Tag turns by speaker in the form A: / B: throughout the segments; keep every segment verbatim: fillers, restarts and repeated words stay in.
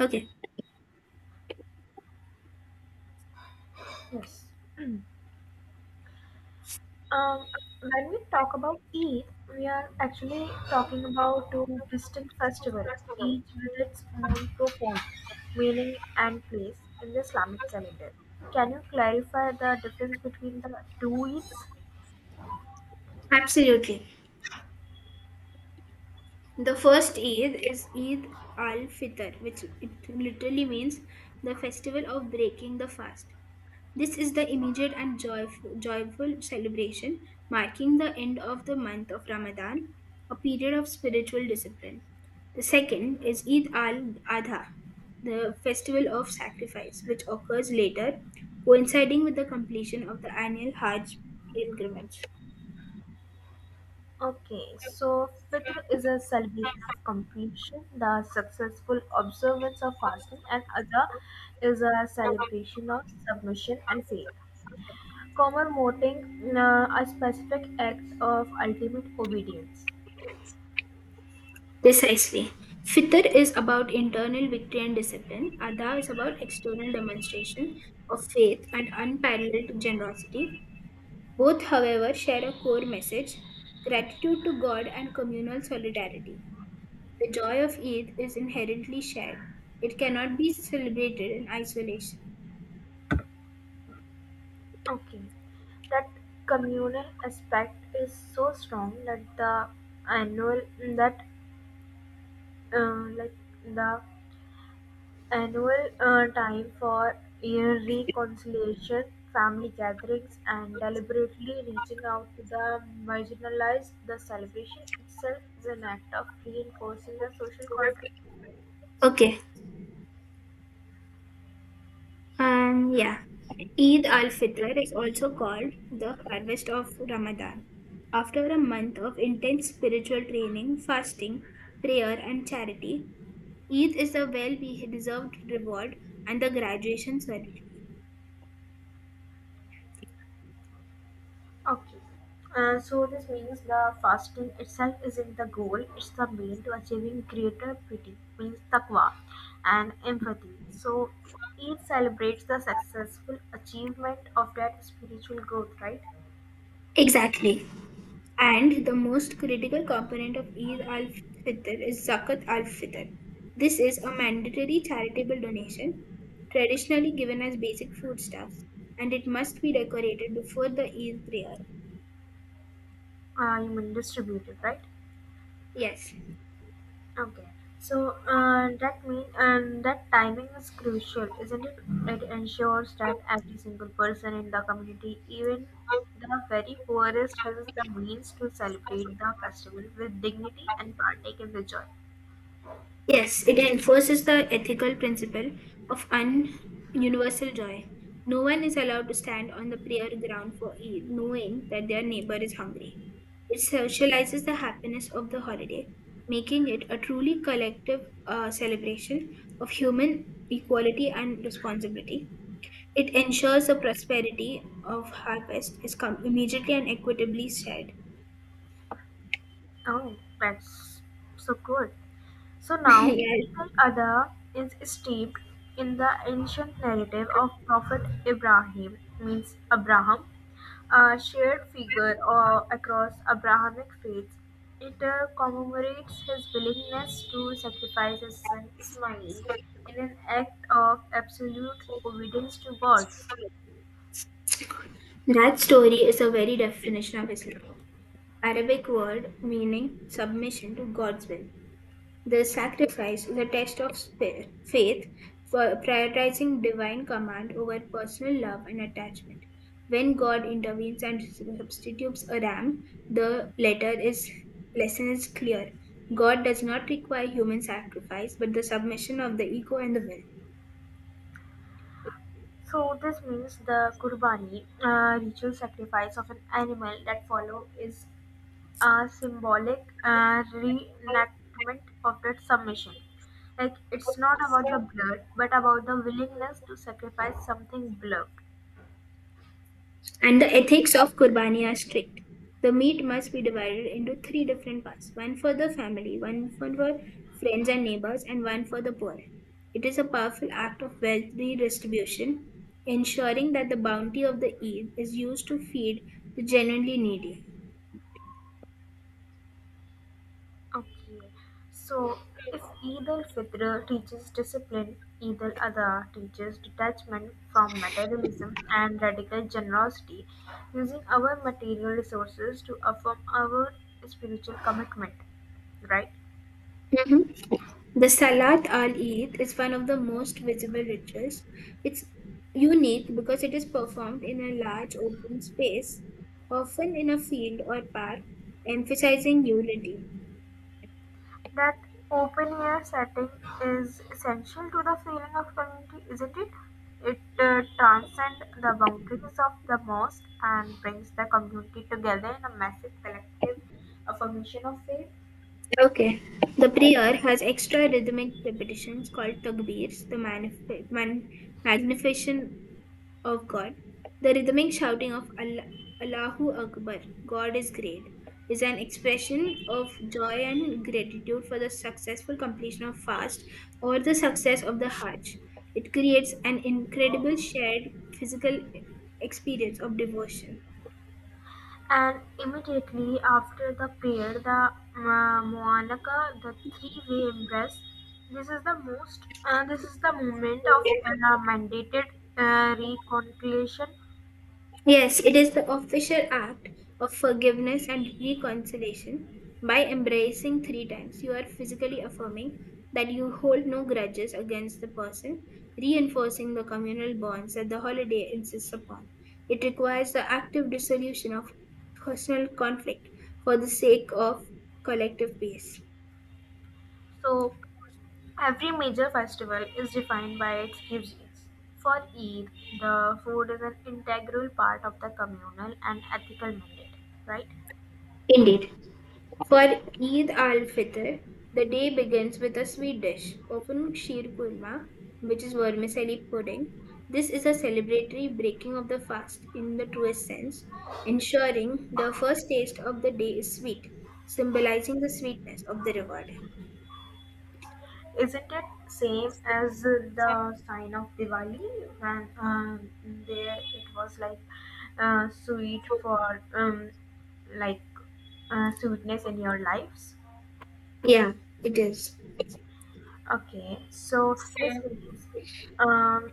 A: Okay,
B: Yes. Um, when we talk about Eid, we are actually talking about two distinct festivals, each with its own profound meaning and place in the Islamic calendar. Can you clarify the difference between the two Eids?
A: absolutely. The first Eid is Eid al Fitr, which it literally means the festival of breaking the fast. This is the immediate and joyful, joyful celebration marking the end of the month of Ramadan, a period of spiritual discipline. The second is Eid al Adha, the festival of sacrifice, which occurs later, coinciding with the completion of the annual Hajj pilgrimage.
B: Okay, so Fitr is a celebration of completion, the successful observance of fasting, and Adha is a celebration of submission and faith, commemorating uh, a specific act of ultimate obedience.
A: Precisely. Fitr is about internal victory and discipline. Adha is about external demonstration of faith and unparalleled generosity. Both, however, share a core message gratitude to God and communal solidarity. The joy of Eid is inherently shared, it cannot be celebrated in isolation.
B: Okay, that communal aspect is so strong that the annual that uh, like the annual uh, time for year reconciliation, family gatherings, and deliberately reaching out to the marginalized, the celebration itself is an act of reinforcing the social contract.
A: Okay, and yeah, Eid al-Fitr is also called the harvest of Ramadan. After a month of intense spiritual training, fasting, prayer, and charity, Eid is a well deserved reward and the graduation ceremony.
B: Okay. Uh, so this means the fasting itself isn't the goal, it's the mean to achieving greater pity, means taqwa and empathy. So it celebrates the successful achievement of that spiritual growth, right?
A: Exactly. And the most critical component of Eid al-Fitr is Zakat al-Fitr. This is a mandatory charitable donation, traditionally given as basic foodstuffs, and it must be decorated before the Eid prayer.
B: Uh, you mean distributed, right?
A: Yes,
B: Okay. So uh, that mean and that timing is crucial, isn't it? It ensures that every single person in the community, even the very poorest, has the means to celebrate the festival with dignity and partake in the joy.
A: yes, it enforces the ethical principle of un- universal joy. No one is allowed to stand on the prayer ground for e- knowing that their neighbor is hungry. It socializes the happiness of the holiday, making it a truly collective uh, celebration of human equality and responsibility. It ensures the prosperity of harvest is come immediately and equitably shared.
B: Oh, that's so cool. So now,
A: Yes,
B: Eagle Adha is steeped in the ancient narrative of Prophet Ibrahim, means Abraham, a shared figure uh, across Abrahamic faiths. It uh, commemorates his willingness to sacrifice his son Ismail in an act of absolute obedience to God.
A: that story is a very definition of Islam. Arabic word meaning submission to God's will. The sacrifice is a test of spi- faith, for prioritizing divine command over personal love and attachment. When God intervenes and substitutes a ram, the letter is lesson is clear. God does not require human sacrifice, but the submission of the ego and the will.
B: So this means the Qurbani, uh, ritual sacrifice of an animal that follow is a symbolic uh, reenactment of that submission. Like it's not about the blood, but about the willingness to sacrifice something beloved.
A: And the ethics of Qurbani are strict. The meat must be divided into three different parts one for the family, one for the friends and neighbors, and one for the poor. It is a powerful act of wealth redistribution, ensuring that the bounty of the Eid is used to feed the genuinely needy.
B: Okay, so if Eid al Fitr teaches discipline, Eid al Adha teaches detachment from materialism and radical generosity, using our material resources to affirm our spiritual commitment, right?
A: The Salat al Eid is one of the most visible rituals. It's unique because it is performed in a large open space, often in a field or park, emphasizing unity.
B: That open air setting is essential to the feeling of community, isn't it? It uh, transcends the boundaries of the mosque and brings the community together in a massive collective affirmation of faith.
A: Okay. The prayer has extra rhythmic repetitions called takbirs, the manif- man- magnification of God. The rhythmic shouting of Allah- Allahu Akbar, God is great, is an expression of joy and gratitude for the successful completion of fast or the success of the Hajj. It creates an incredible shared physical experience of devotion.
B: And immediately after the prayer, the uh, Moanaka, the three-way embrace. This is the most. Uh, this is the moment of uh, mandated uh, reconciliation.
A: Yes, it is the official act of forgiveness and reconciliation. By embracing three times, you are physically affirming that you hold no grudges against the person, reinforcing the communal bonds that the holiday insists upon. It requires the active dissolution of personal conflict for the sake of collective peace.
B: So every major festival is defined by its cuisines. For Eid, the food is an integral part of the communal and ethical mandate, right?
A: Indeed. For Eid al-Fitr, the day begins with a sweet dish, often sheer kurma, which is vermicelli pudding. This is a celebratory breaking of the fast in the truest sense, ensuring the first taste of the day is sweet, symbolizing the sweetness of the reward.
B: Isn't it same as the sign of Diwali when um, there it was like uh, sweet for um, like uh, sweetness in your lives?
A: Yeah, it is.
B: Okay, so this means, um,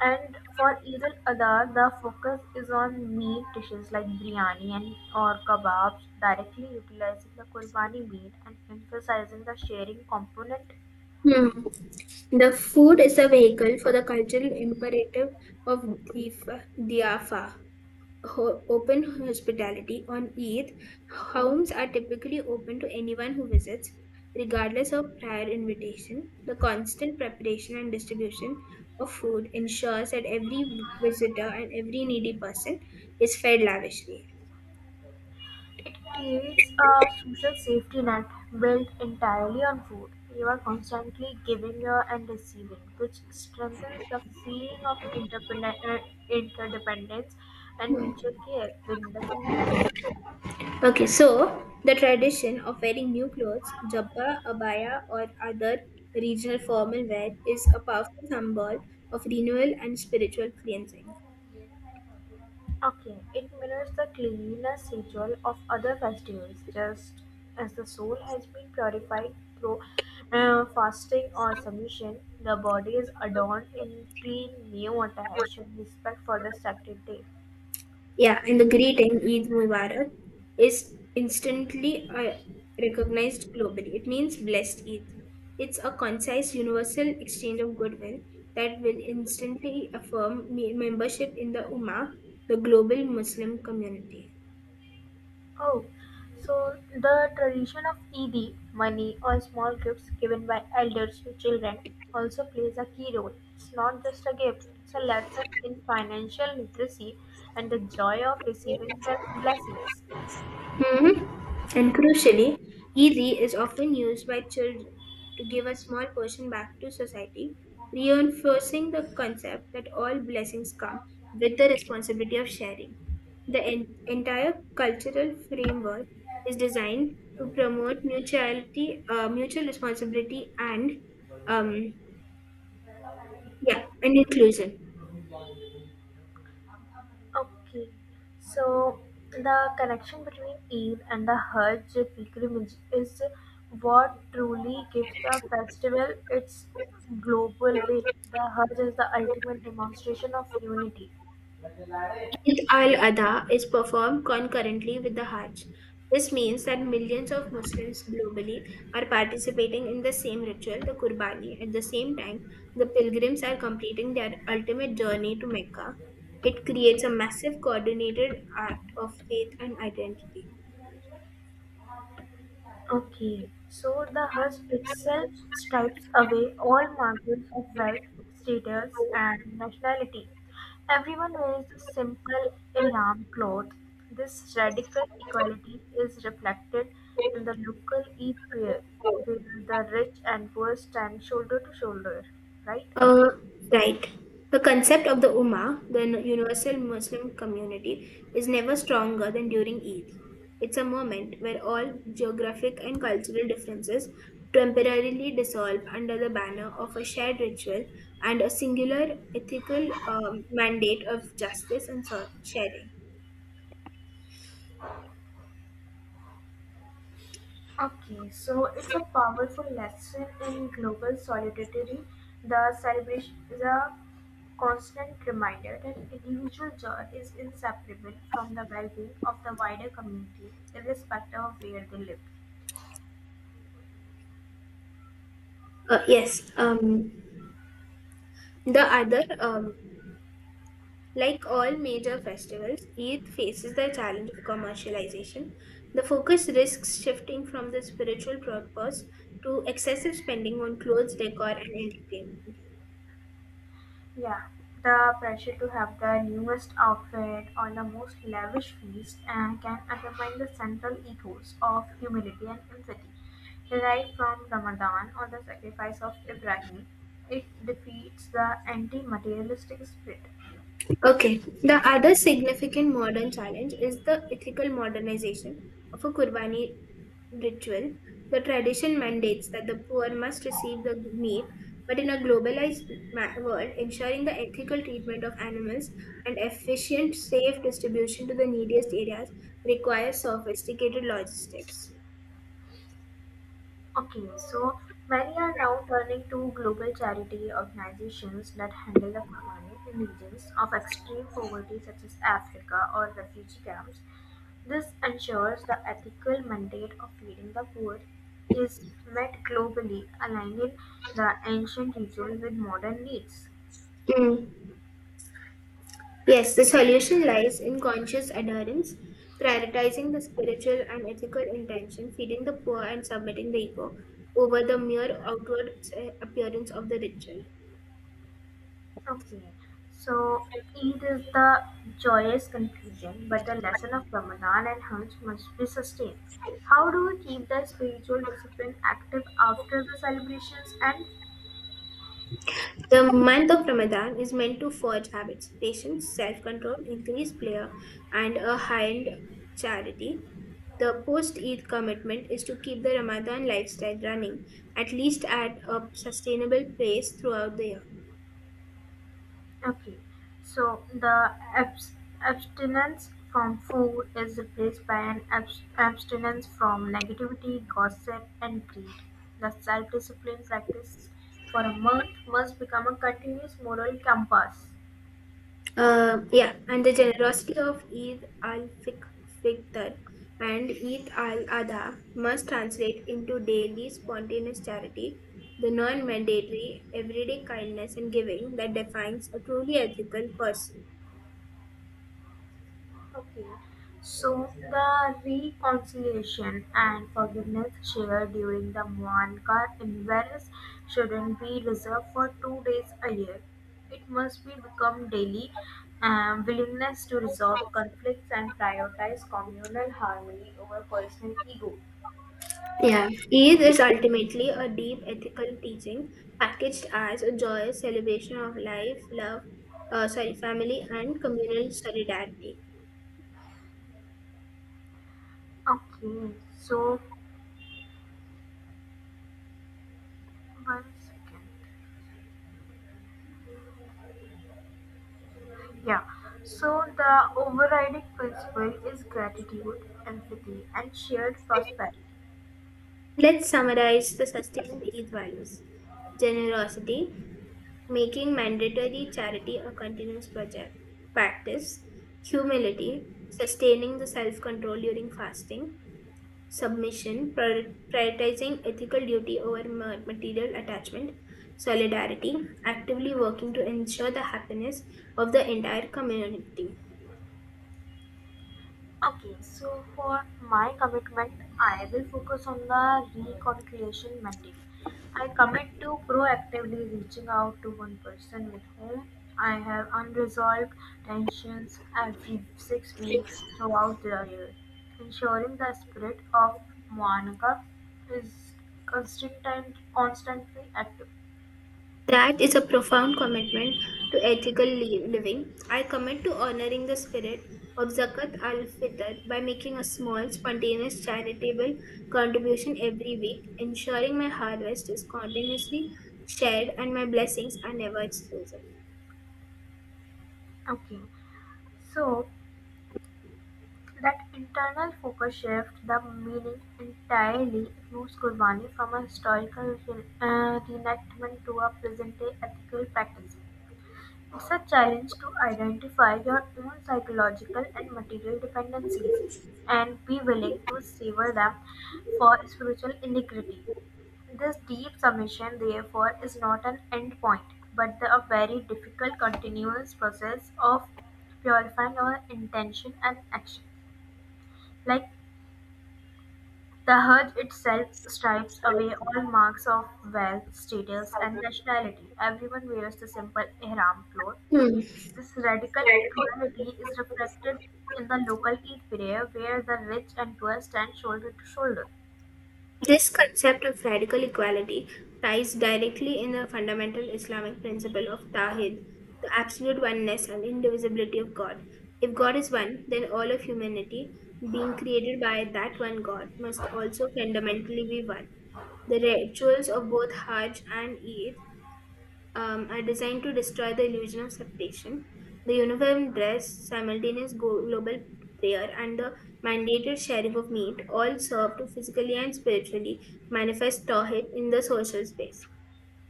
B: and for Eid al-Adha, the focus is on meat dishes like biryani and or kebabs, directly utilizing the Qurbani meat and emphasizing the sharing component.
A: Hmm. The food is a vehicle for the cultural imperative of dhif- dhiafa, ho- open hospitality on Eid, homes are typically open to anyone who visits, regardless of prior invitation. The constant preparation and distribution of food ensures that every visitor and every needy person is fed lavishly.
B: It creates a social safety net built entirely on food. You are constantly giving your and receiving, which strengthens the feeling of interdependent- uh, interdependence and mutual care within the community.
A: Okay, so the tradition of wearing new clothes, jabba, abaya, or other regional formal wear is a powerful symbol of renewal and spiritual cleansing.
B: Okay, it mirrors the cleanliness ritual of other festivals, just as the soul has been purified through uh, fasting or submission, the body is adorned in clean new attires and respect for the sacred day.
A: Yeah, and the greeting Eid Mubarak is instantly uh, recognized globally. It means blessed Eid. It's a concise, universal exchange of goodwill that will instantly affirm me- membership in the Ummah, the global Muslim community.
B: Oh, so the tradition of Eid, money or small gifts given by elders to children, also plays a key role. It's not just a gift; it's a lesson in financial literacy and the joy of receiving bel- blessings.
A: Mhm. And crucially, E D is often used by children to give a small portion back to society, reinforcing the concept that all blessings come with the responsibility of sharing. The en- entire cultural framework is designed to promote mutuality, uh, mutual responsibility, and um, yeah, and inclusion.
B: Okay, so the connection between Eid and the Hajj pilgrimage is what truly gives the festival its global weight. The Hajj is the ultimate demonstration of unity.
A: Eid al-Adha is performed concurrently with the Hajj. This means that millions of Muslims globally are participating in the same ritual, the Qurbani. At the same time, the pilgrims are completing their ultimate journey to Mecca. It creates a massive coordinated act of faith and identity.
B: Okay, so the Hajj itself stripes away all markers of wealth, status, and nationality. Everyone wears the simple ihram cloth. This radical equality is reflected in the local Eid prayer, where the rich and poor stand shoulder to shoulder, right?
A: Uh, right. The concept of the Ummah, the n- universal Muslim community, is never stronger than during Eid. It's a moment where all geographic and cultural differences temporarily dissolve under the banner of a shared ritual and a singular ethical um, mandate of justice and so- sharing.
B: Okay, so it's a powerful lesson in global solidarity. The celebration is a constant reminder that individual joy is inseparable from the well being of the wider community, irrespective of where they live.
A: Uh, yes, um, the other um, like all major festivals, Eid faces the challenge of commercialization. The focus risks shifting from the spiritual purpose to excessive spending on clothes, decor, and entertainment.
B: Yeah, the pressure to have the newest outfit or the most lavish feast uh, can undermine the central ethos of humility and empathy. Derived from Ramadan or the sacrifice of Ibrahim, it defeats the anti materialistic spirit.
A: Okay, the other significant modern challenge is the ethical modernization of a Qurbani ritual, the tradition mandates that the poor must receive the meat, but in a globalized ma- world, ensuring the ethical treatment of animals and efficient, safe distribution to the neediest areas requires sophisticated logistics.
B: Okay, so many are now turning to global charity organizations that handle the money in regions of extreme poverty, such as Africa or refugee camps. This ensures the ethical mandate of feeding the poor is met globally, aligning the ancient ritual with modern needs.
A: Mm. Yes, the solution lies in conscious adherence, prioritizing the spiritual and ethical intention, feeding the poor, and submitting the ego over the mere outward eh, appearance of the ritual.
B: Okay, so Eid is the joyous conclusion, but the lesson of Ramadan and Hajj must be sustained. How do we keep the spiritual discipline active after the celebrations? And
A: The month of Ramadan is meant to forge habits patience, self control, increased prayer, and a high end charity. The post Eid commitment is to keep the Ramadan lifestyle running, at least at a sustainable pace throughout the year.
B: okay, so the abs- abstinence from food is replaced by an abs- abstinence from negativity, gossip, and greed. The self discipline practice for a month must become a continuous moral compass.
A: Um, yeah, and the generosity of Eid al-Fitr and Eid al-Adha must translate into daily spontaneous charity, the non-mandatory everyday kindness and giving that defines a truly ethical person.
B: Okay, so the reconciliation and forgiveness shared during the Muankat in shouldn't be reserved for two days a year. It must be become daily um, willingness to resolve conflicts and prioritize communal harmony over personal ego.
A: Yeah, Eid is ultimately a deep ethical teaching packaged as a joyous celebration of life, love, uh, sorry, family, and communal solidarity.
B: Okay, so one second. Yeah, so the overriding principle is gratitude, empathy, and shared prosperity.
A: Let's summarize the sustained Eid values generosity, making mandatory charity a continuous project, practice, humility, sustaining the self control during fasting, submission, prior- prioritizing ethical duty over ma- material attachment, solidarity, actively working to ensure the happiness of the entire community.
B: Okay, so for my commitment, I will focus on the reconciliation mandate. I commit to proactively reaching out to one person with whom I have unresolved tensions every six weeks throughout the year, ensuring the spirit of Moanaka is constant, constantly active.
A: That is a profound commitment to ethical li- living. I commit to honoring the spirit of Zakat al Fitr by making a small, spontaneous, charitable contribution every week, ensuring my harvest is continuously shared and my blessings are never exclusive.
B: Okay, so that internal focus shifts the meaning entirely, moves Qurbani from a historical re- uh, reenactment to a present-day ethical practice. It's a challenge to identify your own psychological and material dependencies and be willing to sever them for spiritual integrity. This deep submission, therefore, is not an end point, but the, a very difficult continuous process of purifying our intention and action. Like the Herd itself stripes away all marks of wealth, status and nationality. Everyone wears the simple ihram cloth.
A: Hmm.
B: This radical equality is reflected in the local Eid prayer where the rich and poor stand shoulder to shoulder.
A: This concept of radical equality ties directly in the fundamental Islamic principle of Tawhid, the absolute oneness and indivisibility of God. If God is one, then all of humanity, being created by that one God, must also fundamentally be one. The rituals of both Hajj and Eid um, are designed to destroy the illusion of separation. The uniform dress, simultaneous go- global prayer, and the mandated sharing of meat all serve to physically and spiritually manifest Tawhid in the social space,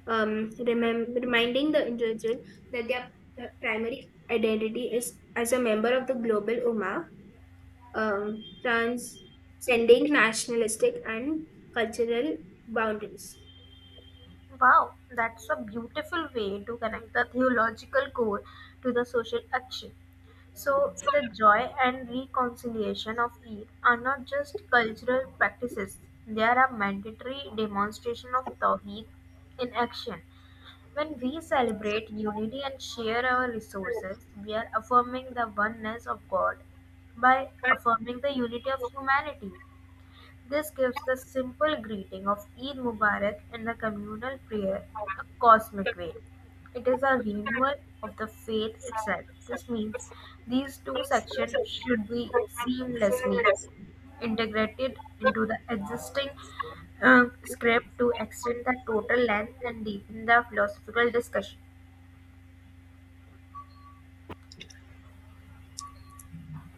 A: um, remem- reminding the individual that their their primary identity is as a member of the global Ummah, um, transcending nationalistic and cultural boundaries.
B: Wow, that's a beautiful way to connect the theological core to the social action. So, the joy and reconciliation of Eid are not just cultural practices, they are a mandatory demonstration of Tawheed in action. When we celebrate unity and share our resources, we are affirming the oneness of God by affirming the unity of humanity. This gives the simple greeting of Eid Mubarak and the communal prayer a cosmic weight. It is a renewal of the faith itself. This means these two sections should be seamlessly integrated into the existing uh, script to extend the total length and deepen the philosophical discussion.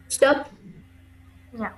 A: Stop.
B: Yeah.